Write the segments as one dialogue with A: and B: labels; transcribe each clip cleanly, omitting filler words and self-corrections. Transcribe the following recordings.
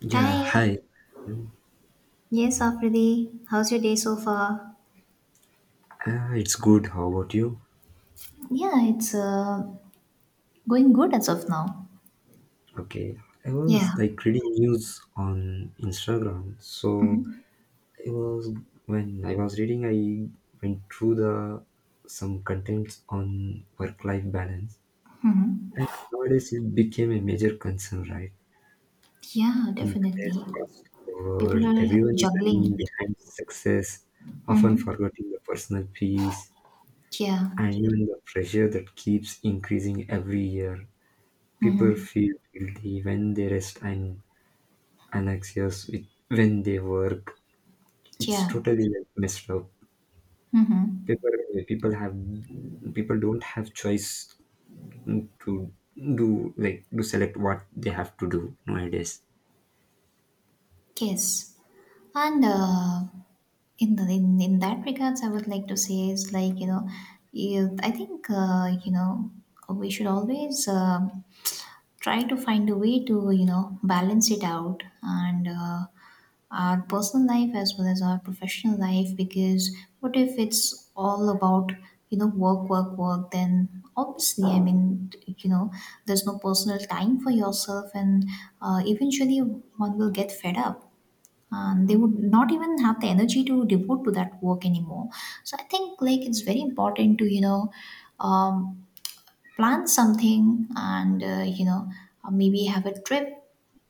A: Yeah,
B: Hi.
A: hi. You?
B: Yes, Afridi. How's your day so far?
A: It's good. How about you?
B: Yeah, it's going good as of now.
A: Okay. I
B: Yeah.
A: was like reading news on Instagram. So it was when I was reading, I went through the some contents on work-life balance, and
B: Hmm.
A: nowadays it became a major concern, right?
B: Yeah,
A: In today's
B: definitely.
A: fast
B: People
A: world,
B: are
A: everyone is running
B: juggling.
A: behind success, often
B: Hmm.
A: forgetting the personal peace
B: Yeah.
A: and even the pressure that keeps increasing every year.
B: Hmm.
A: People feel guilty when they rest and anxious with, when they work. It's
B: Yeah.
A: totally like messed up.
B: Hmm.
A: People people have people don't have choice to do like to select what they have to do nowadays.
B: Yes, and in that regards, I would like to say is like I think we should always try to find a way to balance it out and our personal life as well as our professional life, because what if it's all about work work work? Then obviously, I mean, there's no personal time for yourself and eventually one will get fed up and they would not even have the energy to devote to that work anymore. So I think like it's very important to um, plan something and maybe have a trip,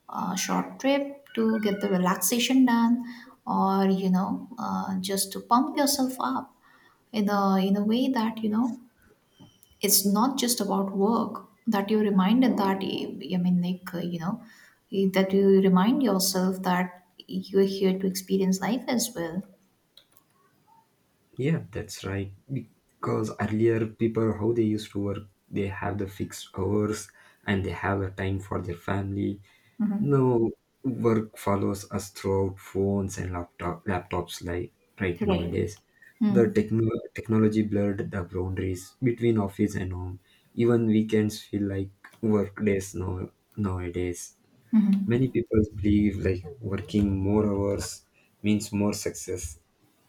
B: a short trip to get the relaxation done, or just to pump yourself up in a way that it's not just about work, that you reminded, that I mean like that you remind yourself that you're here to experience life as well.
A: Yeah, that's right. Because earlier people how they used to work, they have the fixed hours and they have a time for their family.
B: Hmm.
A: No, work follows us throughout phones and laptops like right nowadays. The
B: Hmm.
A: technology blurred the boundaries between office and home. Even weekends feel like work days now nowadays.
B: Hmm.
A: Many people believe like working more hours means more success,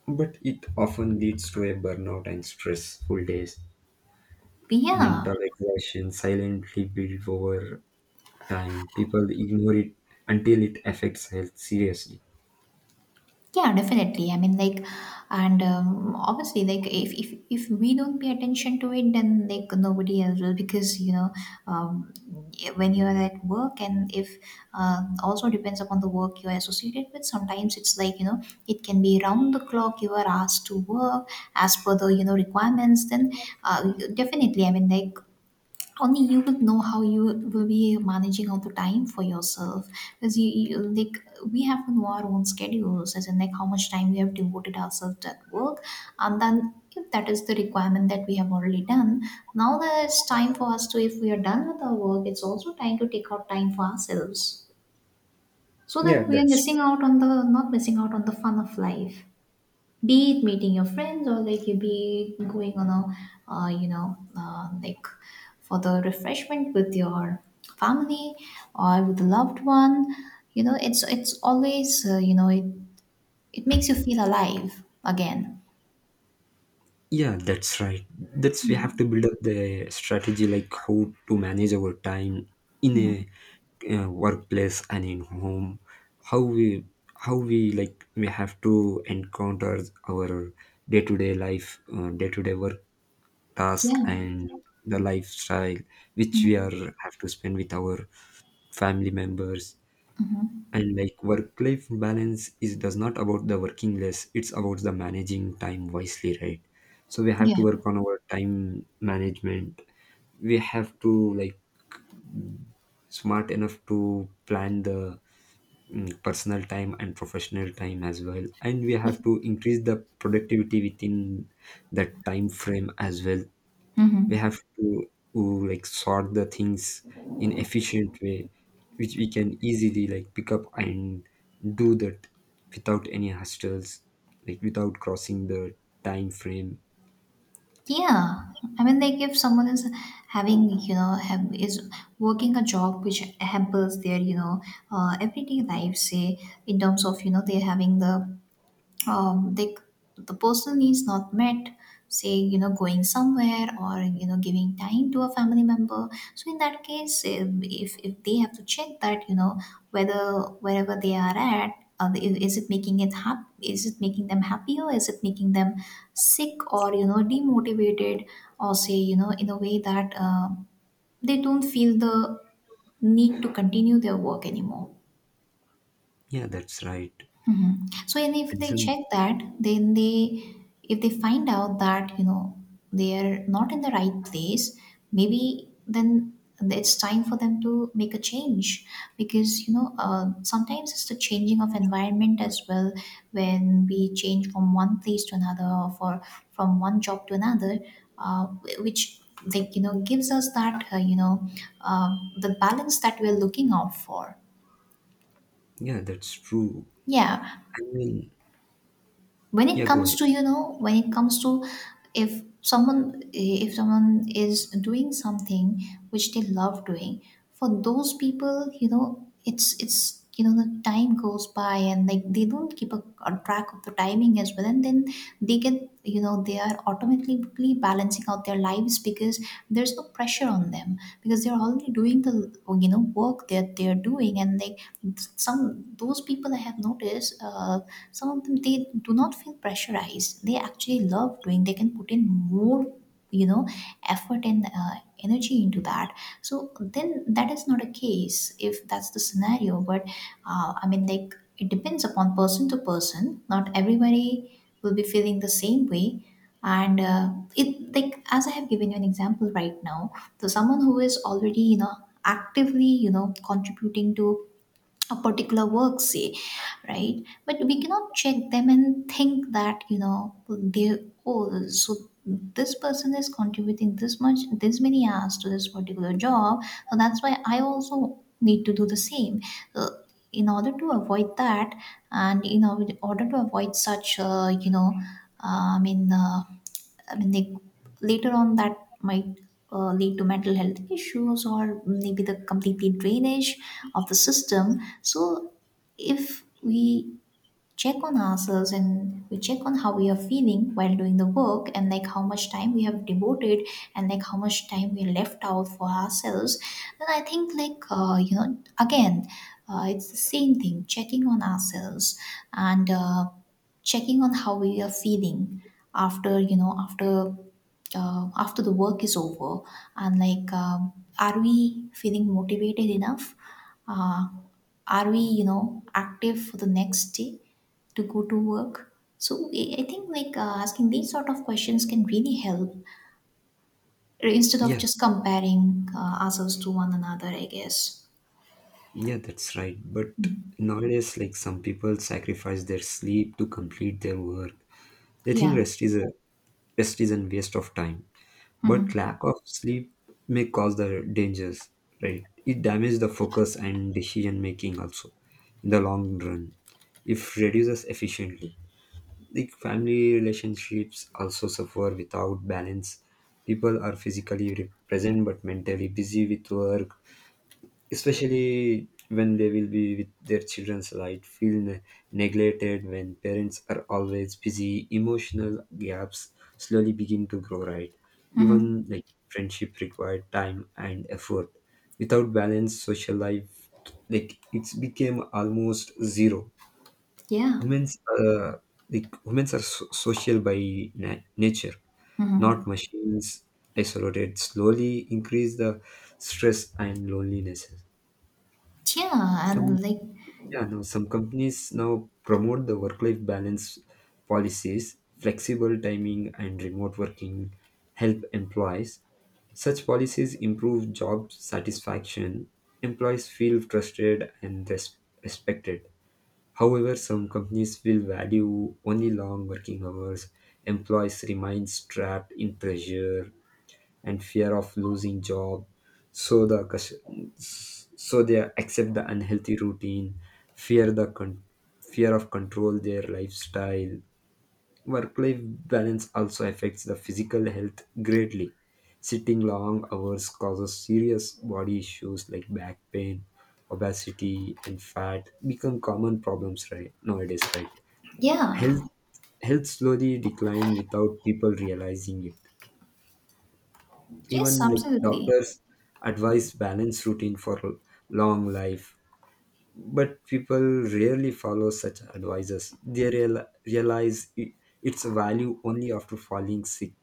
A: but it often leads to a burnout and stressful days.
B: Yeah,
A: Mental exhaustion silently build over time. People ignore it until it affects health seriously.
B: yeah, definitely. I mean, like, and obviously, like if we don't pay attention to it, then like nobody else will, because um, when you're at work and if also depends upon the work you're associated with. Sometimes it's like it can be round the clock you are asked to work as per the requirements. Then uh, definitely, I mean, like, only you would know how you will be managing all the time for yourself. Because you like, we have to know our own schedules, as in like how much time we have devoted ourselves to that work. And then if that is the requirement that we have already done, now there's time for us to, if we are done with our work, it's also time to take out time for ourselves, so
A: Yeah,
B: that we are
A: that's
B: missing out on the, not missing out on the, fun of life. Be it meeting your friends, or like you, be it going on a like, for the refreshment with your family or with a loved one. You know, it's always, it, it makes you feel alive again.
A: Yeah, that's right. That's we have to build up the strategy like how to manage our time in a workplace and in home. How we how we like we have to encounter our day to day life, day to day work task
B: Yeah.
A: and the lifestyle which we
B: Mhm.
A: are have to spend with our family members. And like work life balance is does not about the working less, it's about the managing time wisely, right? So we have to
B: Yeah.
A: work on our time management. We have to like smart enough to plan the personal time and professional time as well, and we have to increase the productivity within that time frame as well. We
B: Mm-hmm.
A: have to like sort the things in efficient way which we can easily like pick up and do that without any hustles, like without crossing the time frame.
B: Yeah, I mean, like, if someone is having, have, is working a job which hampers their, everyday life, say, in terms of, they're having the like, the personal needs not met. Say going somewhere or giving time to a family member. So in that case if they have to check that, whether wherever they are at, is it making it is it making them happy, or is it making them sick, or demotivated, or say, in a way that they don't feel the need to continue their work anymore.
A: Yeah, that's right.
B: Mhm. So, and if
A: And
B: they
A: some.
B: check that, then they, if they find out that, they are not in the right place, maybe then it's time for them to make a change. Because, sometimes it's the changing of environment as well. When we change from one place to another, or for, from one job to another, uh, which like gives us that, the balance that we're looking out for.
A: Yeah, that's true.
B: Yeah,
A: I mean,
B: when
A: yeah,
B: it
A: go
B: comes
A: ahead.
B: to, when it comes to, if someone, if someone is doing something which they love doing, for those people, it's, the time goes by and like they don't keep a track of the timing as well, and then they get, they are automatically balancing out their lives, because there's no pressure on them, because they're already doing the work that they're doing. And they, some, those people I have noticed, some of them, they do not feel pressurized, they actually love doing. They can put in more, you know effort and energy into that. So then that is not a case, if that's the scenario. But I mean, like, it depends upon person to person. Not everybody will be feeling the same way. And it, like, as I have given you an example right now. So someone who is already, actively, contributing to a particular work, say, right, but we cannot check them and think that, they, oh, so this person is contributing this much, this many hours to this particular job, so that's why I also need to do the same. So in order to avoid that, and in order to avoid such, I mean, they, later on that might, lead to mental health issues, or maybe the completely drainage of the system. So if we check on ourselves, and we check on how we are feeling while doing the work, and like how much time we have devoted, and like how much time we left out for ourselves, then I think like, again, it's the same thing, checking on ourselves. And checking on how we are feeling after, after, after the work is over, and like, are we feeling motivated enough, uh, are we, active for the next day to go to work. So I think like, asking these sort of questions can really help, instead of
A: Yeah,
B: just comparing, ourselves to one another, I guess.
A: yeah, that's right, but nowadays like some people sacrifice their sleep to complete their work. They think
B: Yeah.
A: rest is a waste of time. But
B: Mm-hmm.
A: lack of sleep may cause the dangers, right? It damages the focus and decision making also in the long run if reduces efficiently. Like family relationships also suffer without balance. People are physically present but mentally busy with work, especially when they will be with their children, so I feel neglected. When parents are always busy, emotional gaps slowly begin to grow, right?
B: Mm-hmm.
A: Even like friendship required time and effort. Without balance, social life like it's became almost zero.
B: Yeah.
A: Humans humans are social by nature, not
B: Hmm.
A: machines. Isolated slowly increase the stress and loneliness.
B: Yeah. And like,
A: Yeah, now some companies now promote the work-life balance policies, flexible timing, and remote working help employees. Such policies improve job satisfaction. Employees feel trusted and respected. However, some companies will value only long working hours. Employees remain trapped in pressure and fear of losing job, so the so they accept the unhealthy routine, fear the fear of control their lifestyle. Work life balance also affects the physical health greatly. Sitting long hours causes serious body issues like back pain, obesity, and fat become common problems right nowadays, right?
B: yeah.
A: Health slowly decline without people realizing it. Even
B: Yes,
A: like
B: absolutely.
A: doctors advise balanced routine for long life, but people rarely follow such advices. They realize its value only after falling sick.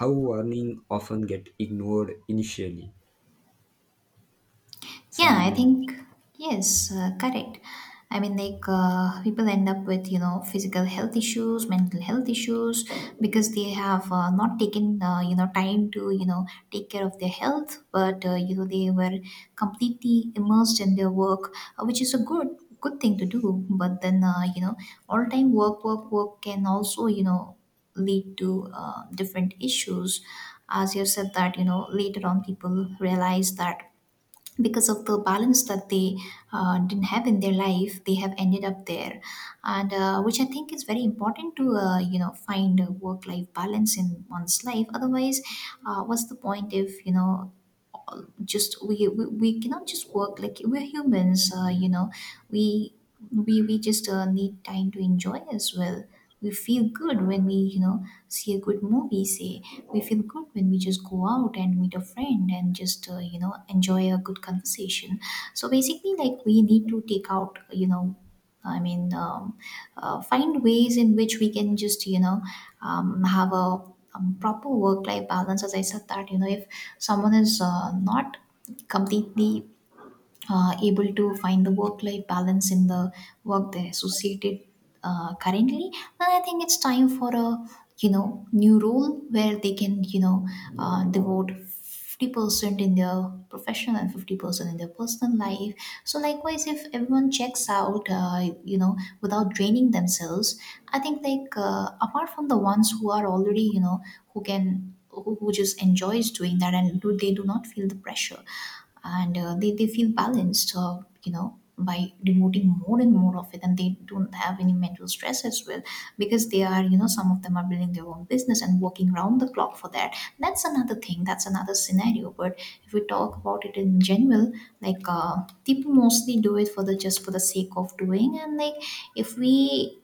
A: How warning often get ignored initially.
B: Yeah, I
A: Some.
B: think, yes, correct. I mean, like, people end up with, physical health issues, mental health issues, because they have, not taken, time to, take care of their health. But, they were completely immersed in their work, which is a good thing to do. But then, all time work, work, work can also, lead to, different issues. As you said that, later on people realize that, because of the balance that they, didn't have in their life, they have ended up there. And, which I think is very important to, find a work life balance in one's life. Otherwise, what's the point if, just we cannot just work, like we're humans. We we just, need time to enjoy as well. We feel good when we, see a good movie, say. We feel good when we just go out and meet a friend and just, enjoy a good conversation. So basically, like, we need to take out, I mean, find ways in which we can just, have a, proper work life balance. As I said that, if someone is, not completely, able to find the work life balance in the work they associated, currently. And I think it's time for a, new role where they can, devote 50% in their professional and 50% in their personal life. So likewise, if everyone checks out, without draining themselves, I think like, apart from the ones who are already, who can, who just enjoys doing that, and do, they do not feel the pressure. And, they feel balanced, by devoting more and more of it, and they don't have any mental stress as well. Because they are, some of them are building their own business and working round the clock for that. That's another thing, that's another scenario. But if we talk about it in general, like, people mostly do it for the just for the sake of doing. And like if we,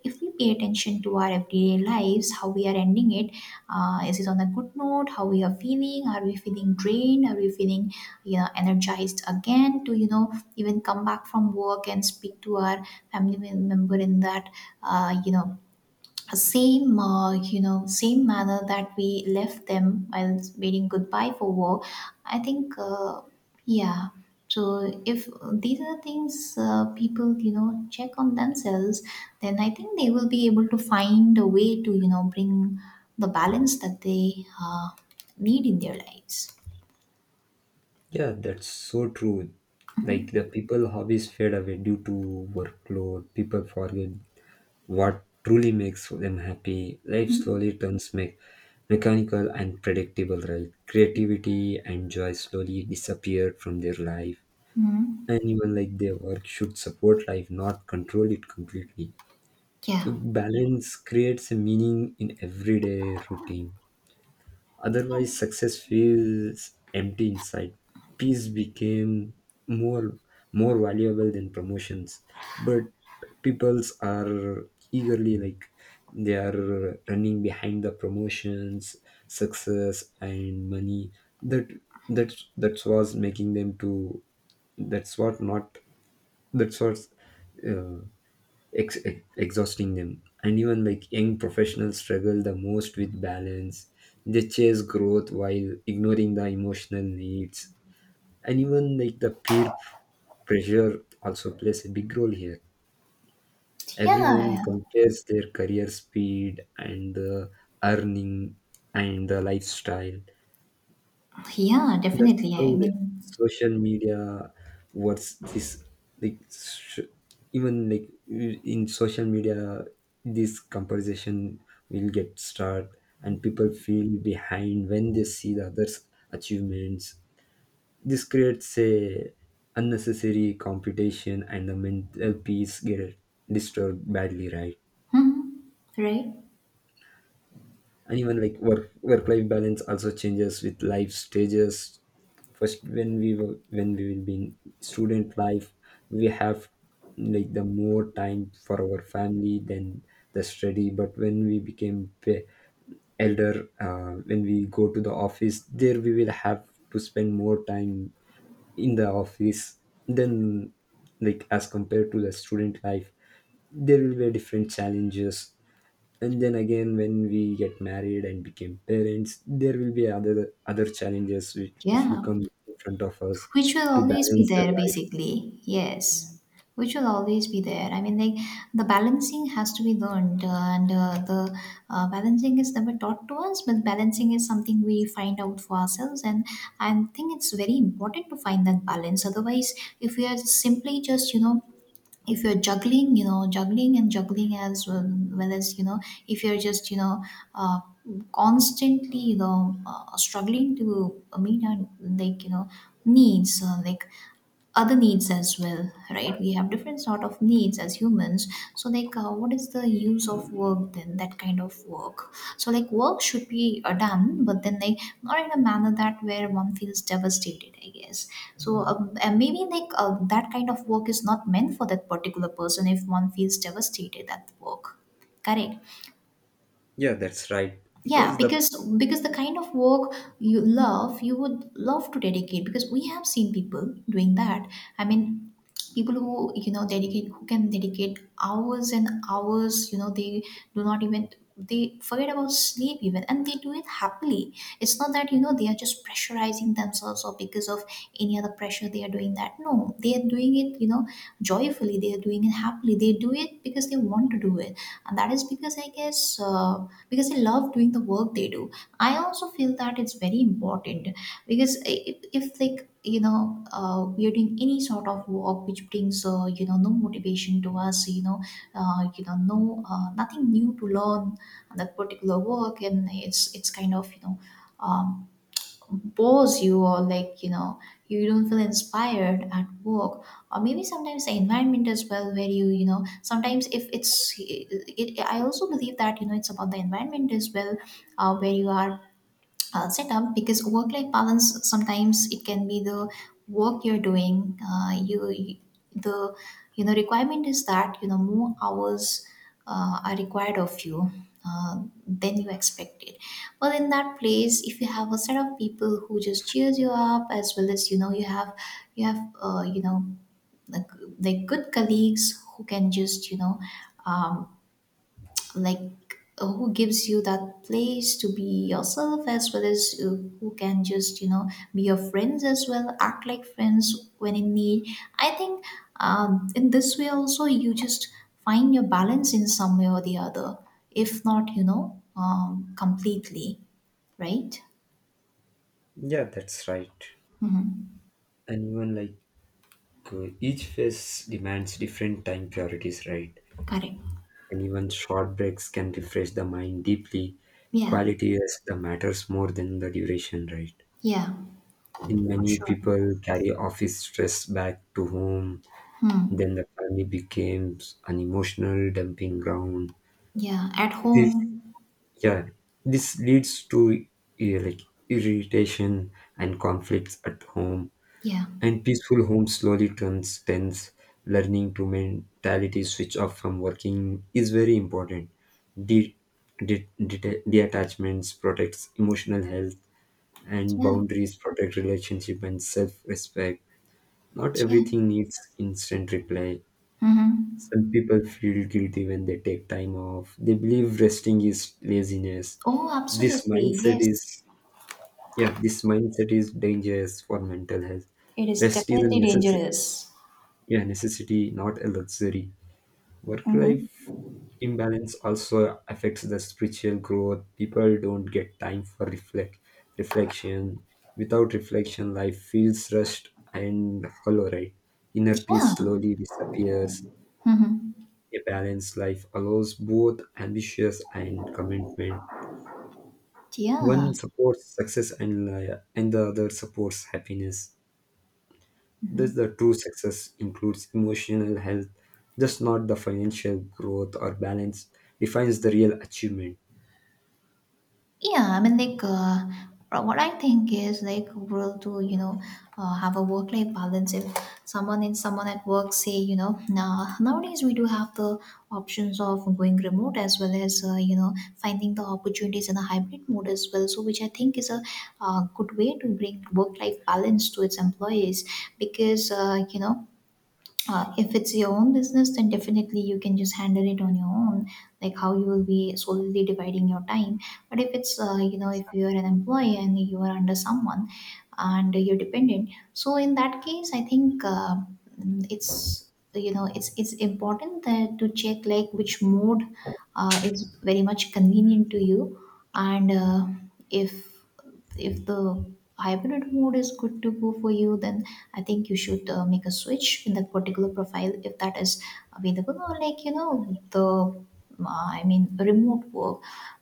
B: if we pay attention to our everyday lives, how we are ending it, is it on a good note? How we are feeling? Are we feeling drained? Are we feeling, energized again, to even come back from work and speak to our family member in that, uh, you know same you know same manner that we left them while bidding goodbye for war. I think, yeah. So if these are things, people, check on themselves, then I think they will be able to find a way to, bring the balance that they, uh, need in their lives.
A: Yeah, that's so true. Like the people hobbies fade away due to workload. People forget what truly makes them happy. Life slowly turns mechanical and predictable, right? Creativity and joy slowly disappear from their life.
B: Mhm.
A: And even like their work should support life, not control it completely.
B: Yeah.
A: Like balance creates a meaning in everyday routine. Otherwise, success feels empty inside. Peace became more more valuable than promotions, but peoples are eagerly like they are running behind the promotions, success, and money. That that was making them to, that's what not, that's what exhausting them. And even like young professionals struggle the most with balance. They chase growth while ignoring the emotional needs. And even like the peer pressure also plays a big role here. Everyone
B: Yeah.
A: compares their career speed and the earning and the lifestyle.
B: Yeah,
A: That's
B: definitely.
A: how
B: I
A: the
B: mean.
A: social media, what's this, like even like in social media, this comparison will get start and people feel behind when they see the others achievements. This creates a unnecessary competition and the mental peace get disturbed badly, right?
B: Mhm. Right,
A: And even like work life balance also changes with life stages. First, when we were when we will be in student life, we have like the more time for our family than the study. But when we became elder, when we go to the office, there we will have to spend more time in the office than like as compared to the student life. There will be different challenges, and then again when we get married and became parents, there will be other challenges which will
B: yeah,
A: come in front of us
B: which will
A: to
B: always be
A: balance the
B: there
A: life.
B: basically, yes. Which will always be there, I mean, like, the balancing has to be learned, and the balancing is never taught to us, but balancing is something we find out for ourselves. And I think it's very important to find that balance. Otherwise, if we are simply just, you know, if you're juggling, you know, juggling and juggling as well, well, as you know, if you're just, you know, uh, constantly, you know, struggling to meet our, like, you know, needs, like other needs as well, right? We have different sort of needs as humans. So, like, what is the use of work then, that kind of work? So, like, work should be done, but then, like, not in a manner that where one feels devastated, I guess. So, and maybe, like, that kind of work is not meant for that particular person if one feels devastated at work. Correct.
A: Yeah, that's right.
B: Yeah,
A: Because the.
B: because the kind of work you love, you would love to dedicate, because we have seen people doing that. I mean, people who, you know, dedicate, who can dedicate hours and hours, you know, they do not even, they forget about sleep even, and they do it happily. It's not that, you know, they are just pressurizing themselves, or because of any other pressure they are doing that. No, they are doing it, you know, joyfully, they are doing it happily, they do it because they want to do it. And that is because, I guess, because I love doing the work they do. I also feel that it's very important because if like, you know, we are doing any sort of work which brings, you know, no motivation to us, you know, you know, no nothing new to learn on that particular work, and it's kind of, you know, Um, bores you, or, like, you know, you don't feel inspired at work, or maybe sometimes the environment as well, where you know, sometimes if I also believe that, you know, it's about the environment as well, where you are setup. Because work life balance, sometimes it can be the work you're doing, you, the, you know, requirement is that, you know, more hours are required of you, than you expected. But in that place, if you have a set of people who just cheers you up, as well as, you know, you have, you have, you know, like, like good colleagues who can just, you know, um, like, who gives you that place to be yourself, as well as, who can just, you know, be your friends as well, act like friends when in need. I think, in this way also, you just find your balance in some way or the other, if not, you know, completely. Right.
A: Yeah, that's right. And even like each phase demands different time priorities, right?
B: Correct.
A: And even short breaks can refresh the mind deeply.
B: Yeah.
A: Quality is the matters more than the duration, right?
B: Yeah.
A: In
B: For
A: many
B: sure.
A: people carry office stress back to home. Then the family becomes an emotional dumping ground.
B: Yeah, at
A: This,
B: home.
A: yeah, this leads to eh, like irritation and conflicts at home.
B: Yeah.
A: And peaceful home slowly turns tense. Learning to mentality switch off from working is very important. De- Detachments protects emotional health, and
B: Yeah.
A: boundaries protect relationship and self-respect. Not
B: Yeah.
A: everything needs instant reply.
B: Mm-hmm.
A: Some people feel guilty when they take time off. They believe resting is laziness.
B: Oh,
A: This
B: absolutely,
A: mindset
B: yes.
A: is, yeah, this mindset is dangerous for mental health.
B: It is
A: Rest is a
B: definitely
A: necessary,
B: dangerous.
A: yeah, necessity, not a luxury. Work
B: Mm-hmm.
A: life imbalance also affects the spiritual growth. People don't get time for reflection. Without reflection, life feels rushed and hollow, right? Inner
B: Yeah.
A: peace slowly disappears.
B: Hmm.
A: A balanced life allows both ambitions and commitment. One
B: Yeah.
A: supports success and the other supports happiness. Thus, the true success includes emotional health, just not the financial growth or balance defines the real achievement.
B: Yeah. I mean, like, what I think is, like, we'll do, you know, have a work-life balance. If someone in, someone at work say, you know, now, nowadays we do have the options of going remote, as well as, you know, finding the opportunities in a hybrid mode as well. So, which I think is a good way to bring work-life balance to its employees, because, you know, if it's your own business, then definitely you can just handle it on your own, like how you will be solely dividing your time. But if it's, you know, if you are an employee and you are under someone, and you're dependent, so in that case, I think, it's, you know, it's important that, to check like which mode is very much convenient to you. And if if the hybrid mode is good to go for you, then I think you should make a switch in that particular profile, if that is available, or, like, you know, the I mean remote work.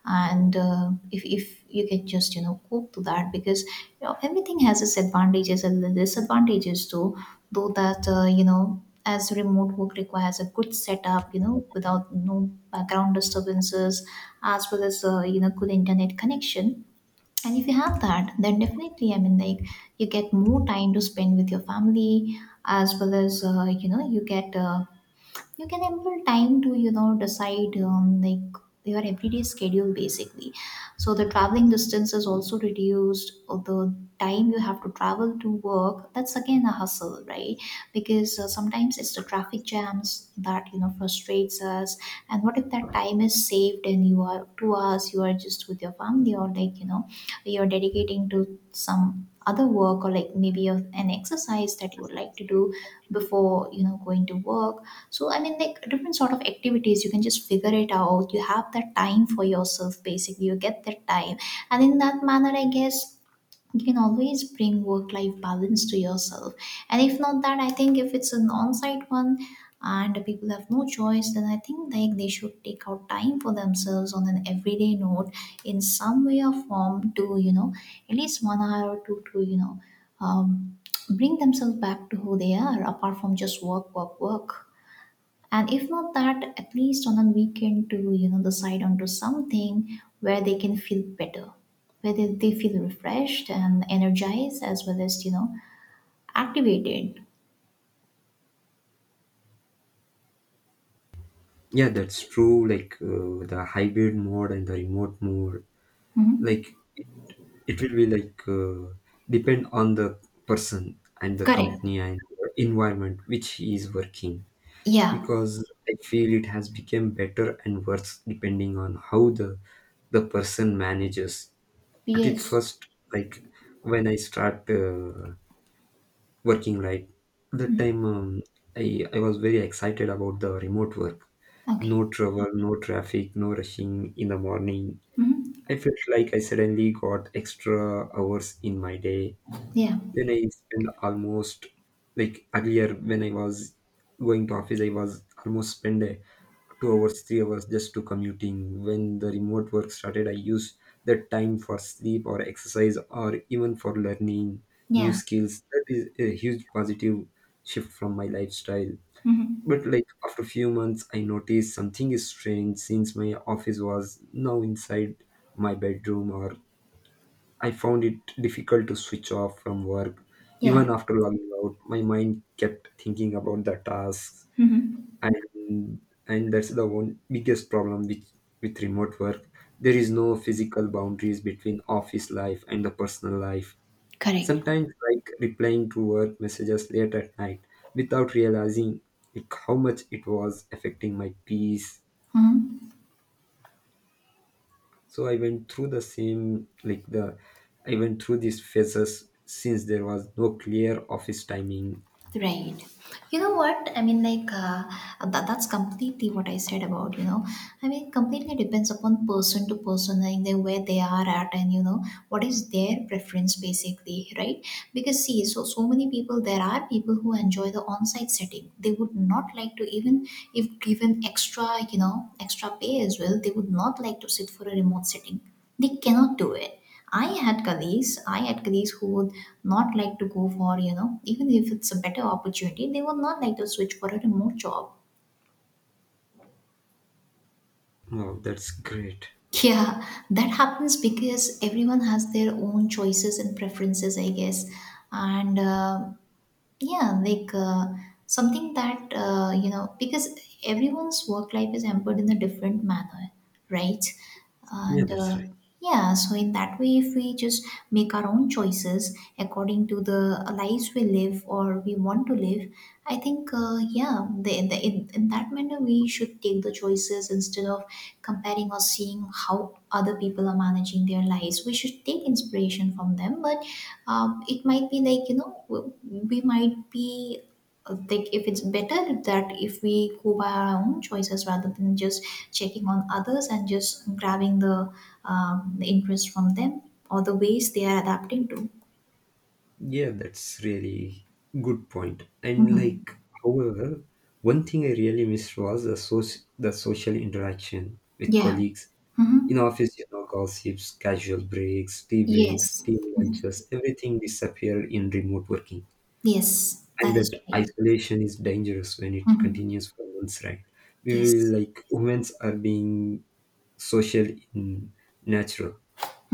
B: And if you can just, you know, cope to that, because, you know, everything has its advantages and disadvantages too, though that, you know, as remote work requires a good setup, you know, without no background disturbances, as well as, you know, good internet connection. And if you have that, then definitely, I mean, like, you get more time to spend with your family, as well as, you know, you get you can have time to, you know, decide, like, your everyday schedule basically. So the traveling distance is also reduced, or the time you have to travel to work, that's again a hustle, right? Because, sometimes it's the traffic jams that, you know, frustrates us. And what if that time is saved, and you are 2 hours you are just with your family, or, like, you know, you're dedicating to some other work, or, like, maybe an exercise that you would like to do before, you know, going to work. So, I mean, like, different sort of activities you can just figure it out, you have that time for yourself basically, you get that time. And in that manner, I guess, you can always bring work life balance to yourself. And if not that, I think if it's an on-site one, and people have no choice, then I think, like, they should take out time for themselves on an everyday note, in some way or form, to, you know, at least 1 hour or two, to, you know, um, bring themselves back to who they are, apart from just work, work, work. And if not that, at least on a weekend, to, you know, decide onto something where they can feel better, where they feel refreshed and energized, as well as, you know, activated.
A: Yeah, that's true. Like the hybrid mode and the remote mode, like it will be like depend on the person and the
B: Correct.
A: company and the environment which he is working,
B: Yeah.
A: because I feel it has become better and worse depending on how the person manages. At it
B: Yes.
A: first, like when I start working, right, that time I was very excited about the remote work.
B: Okay.
A: No travel, no traffic, no rushing in the morning.
B: Hmm.
A: I felt like I suddenly got extra hours in my day.
B: Yeah.
A: Then I spend almost, like earlier when I was going to office, I was almost spend 2 hours, 3 hours just to commuting. When the remote work started, I used that time for sleep or exercise or even for learning new
B: Yeah.
A: skills. That is a huge positive shift from my lifestyle.
B: Hmm.
A: But like after a few months, I noticed something is strange. Since my office was now inside my bedroom, or I found it difficult to switch off from work.
B: Yeah.
A: Even after logging out, my mind kept thinking about the tasks,
B: Hmm.
A: and and that's the one biggest problem with remote work. There is no physical boundaries between office life and the personal life.
B: Correct.
A: Sometimes like replying to work messages late at night without realizing like how much it was affecting my peace.
B: Hmm.
A: So I went through the same, like the I went through these phases since there was no clear office timing.
B: Right. You know what? I mean, like, that's completely what I said about, you know, I mean, completely depends upon person to person, like, they, where they are at, and, you know, what is their preference basically, right? Because, see, so, so many people, there are people who enjoy the on-site setting. They would not like to even, if given extra, you know, extra pay as well, they would not like to sit for a remote setting, they cannot do it. I had colleagues, I had colleagues who would not like to go for, you know, even if it's a better opportunity, they would not like to switch for a remote job.
A: Wow, that's great.
B: Yeah, that happens because everyone has their own choices and preferences, I guess. And yeah, like, something that, you know, because everyone's work life is hampered in a different manner, right?
A: Yeah,
B: And
A: that's right.
B: yeah, so, in that way, if we just make our own choices according to the lives we live or we want to live, I think, yeah, the, in that manner we should take the choices instead of comparing or seeing how other people are managing their lives. We should take inspiration from them, but it might be like, you know, we might be like, if it's better that if we go by our own choices rather than just checking on others and just grabbing the interest from them, or the ways they are adapting to.
A: Yeah, that's really good point. And
B: Hmm.
A: like, however, one thing I really missed was the the social interaction with
B: Yeah.
A: colleagues in
B: Hmm.
A: office. You know, gossips, casual breaks, tea breaks,
B: Yes.
A: team lunches, everything disappeared in remote working.
B: Yes,
A: And
B: that is
A: that
B: right.
A: isolation is dangerous when it
B: Hmm.
A: continues for months, right? We
B: Yes.
A: will like humans are being social in natural.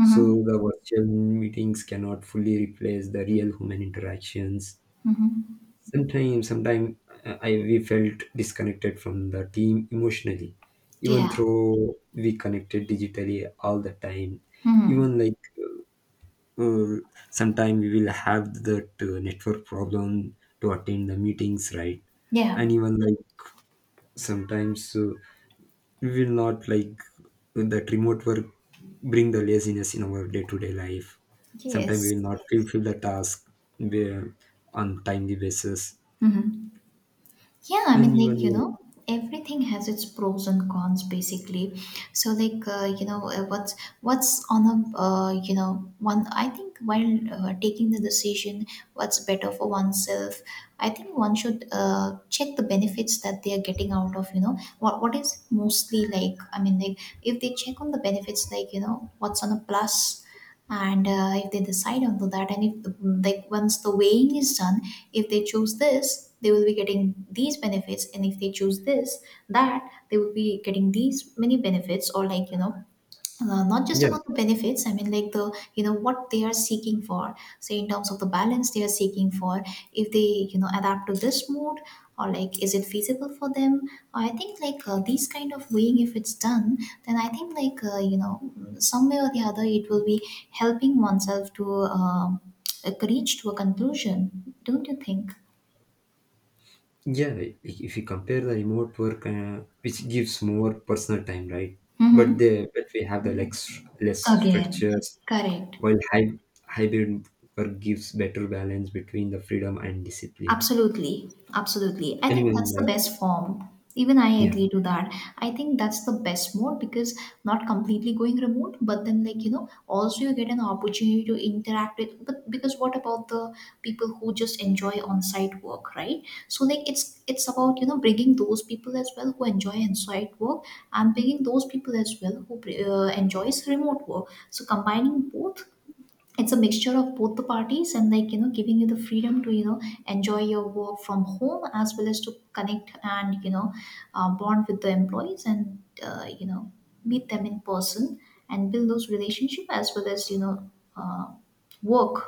A: So the virtual meetings cannot fully replace the real human interactions.
B: Hmm.
A: Sometimes I we felt disconnected from the team emotionally, even
B: Yeah.
A: though we connected digitally all the time.
B: Hmm.
A: Even like uh, sometimes we will have that network problem to attend the meetings, right? And
B: Yeah.
A: even like sometimes will not like that remote work bring the laziness in our day-to-day life. Sometimes we
B: Yes.
A: will not fulfill the task where- on timely basis.
B: Hmm. Yeah, I
A: And
B: mean, like,
A: even
B: you
A: like,
B: know, everything has its pros and cons basically. So, like, you know, what's on a, you know, one, I think while taking the decision, what's better for oneself, I think one should check the benefits that they are getting out of, you know, what is mostly like, I mean, like, if they check on the benefits, like, you know, what's on a plus. And if they decide onto that, and if the, like, once the weighing is done, if they choose this, they will be getting these benefits, and if they choose this, that they will be getting these many benefits. Or, like, you know, not just
A: yeah,
B: about the benefits, I mean, like, the, you know, what they are seeking for, say in terms of the balance they are seeking for, if they, you know, adapt to this mode, or, like, is it feasible for them. I think, like, these kind of weighing if it's done, then I think, like, you know, some way or the other it will be helping oneself to um, reach to a conclusion. Don't you think?
A: yeah, if you compare the remote work which gives more personal time, right, but
B: Hmm.
A: they but we have the less structures,
B: Again. Correct.
A: while hybrid work gives better balance between the freedom and discipline.
B: Absolutely. Absolutely. I think
A: Anyone
B: that's the
A: like,
B: best form. Even I
A: yeah.
B: agree to that. I think that's the best mode, because not completely going remote, but then, like, you know, also you get an opportunity to interact with. But because, what about the people who just enjoy on site work, right? So, like, it's about, you know, bringing those people as well who enjoy on site work, and bringing those people as well who enjoys remote work. So, combining both, it's a mixture of both the parties, and, like, you know, giving you the freedom to, you know, enjoy your work from home, as well as to connect and, you know, bond with the employees, and, you know, meet them in person, and build those relationship, as well as, you know, uh, work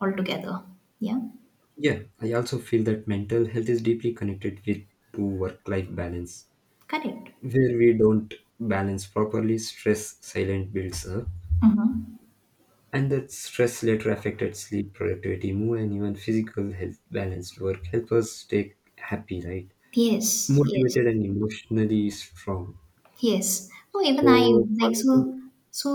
B: all together. Yeah.
A: Yeah, I also feel that mental health is deeply connected with to work-life balance.
B: Correct.
A: Where we don't balance properly, stress silent builds up,
B: Mm-hmm.
A: and that stress later affected sleep, productivity, mood, and even physical health. Balanced work help us stay happy, right?
B: Yes. Yes.
A: Motivated and emotionally strong.
B: Yes. No, even I,
A: So,
B: like,
A: positive,
B: so so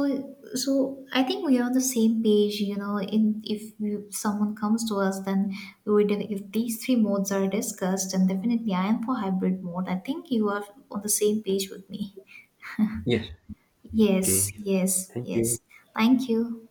B: so I think we are on the same page, you know, in if you, someone comes to us, then we would, if these three modes are discussed, and definitely I am for hybrid mode. I think you are on the same page with me.
A: yeah.
B: Yes,
A: Okay.
B: yes,
A: Thank you.
B: yes. Thank you.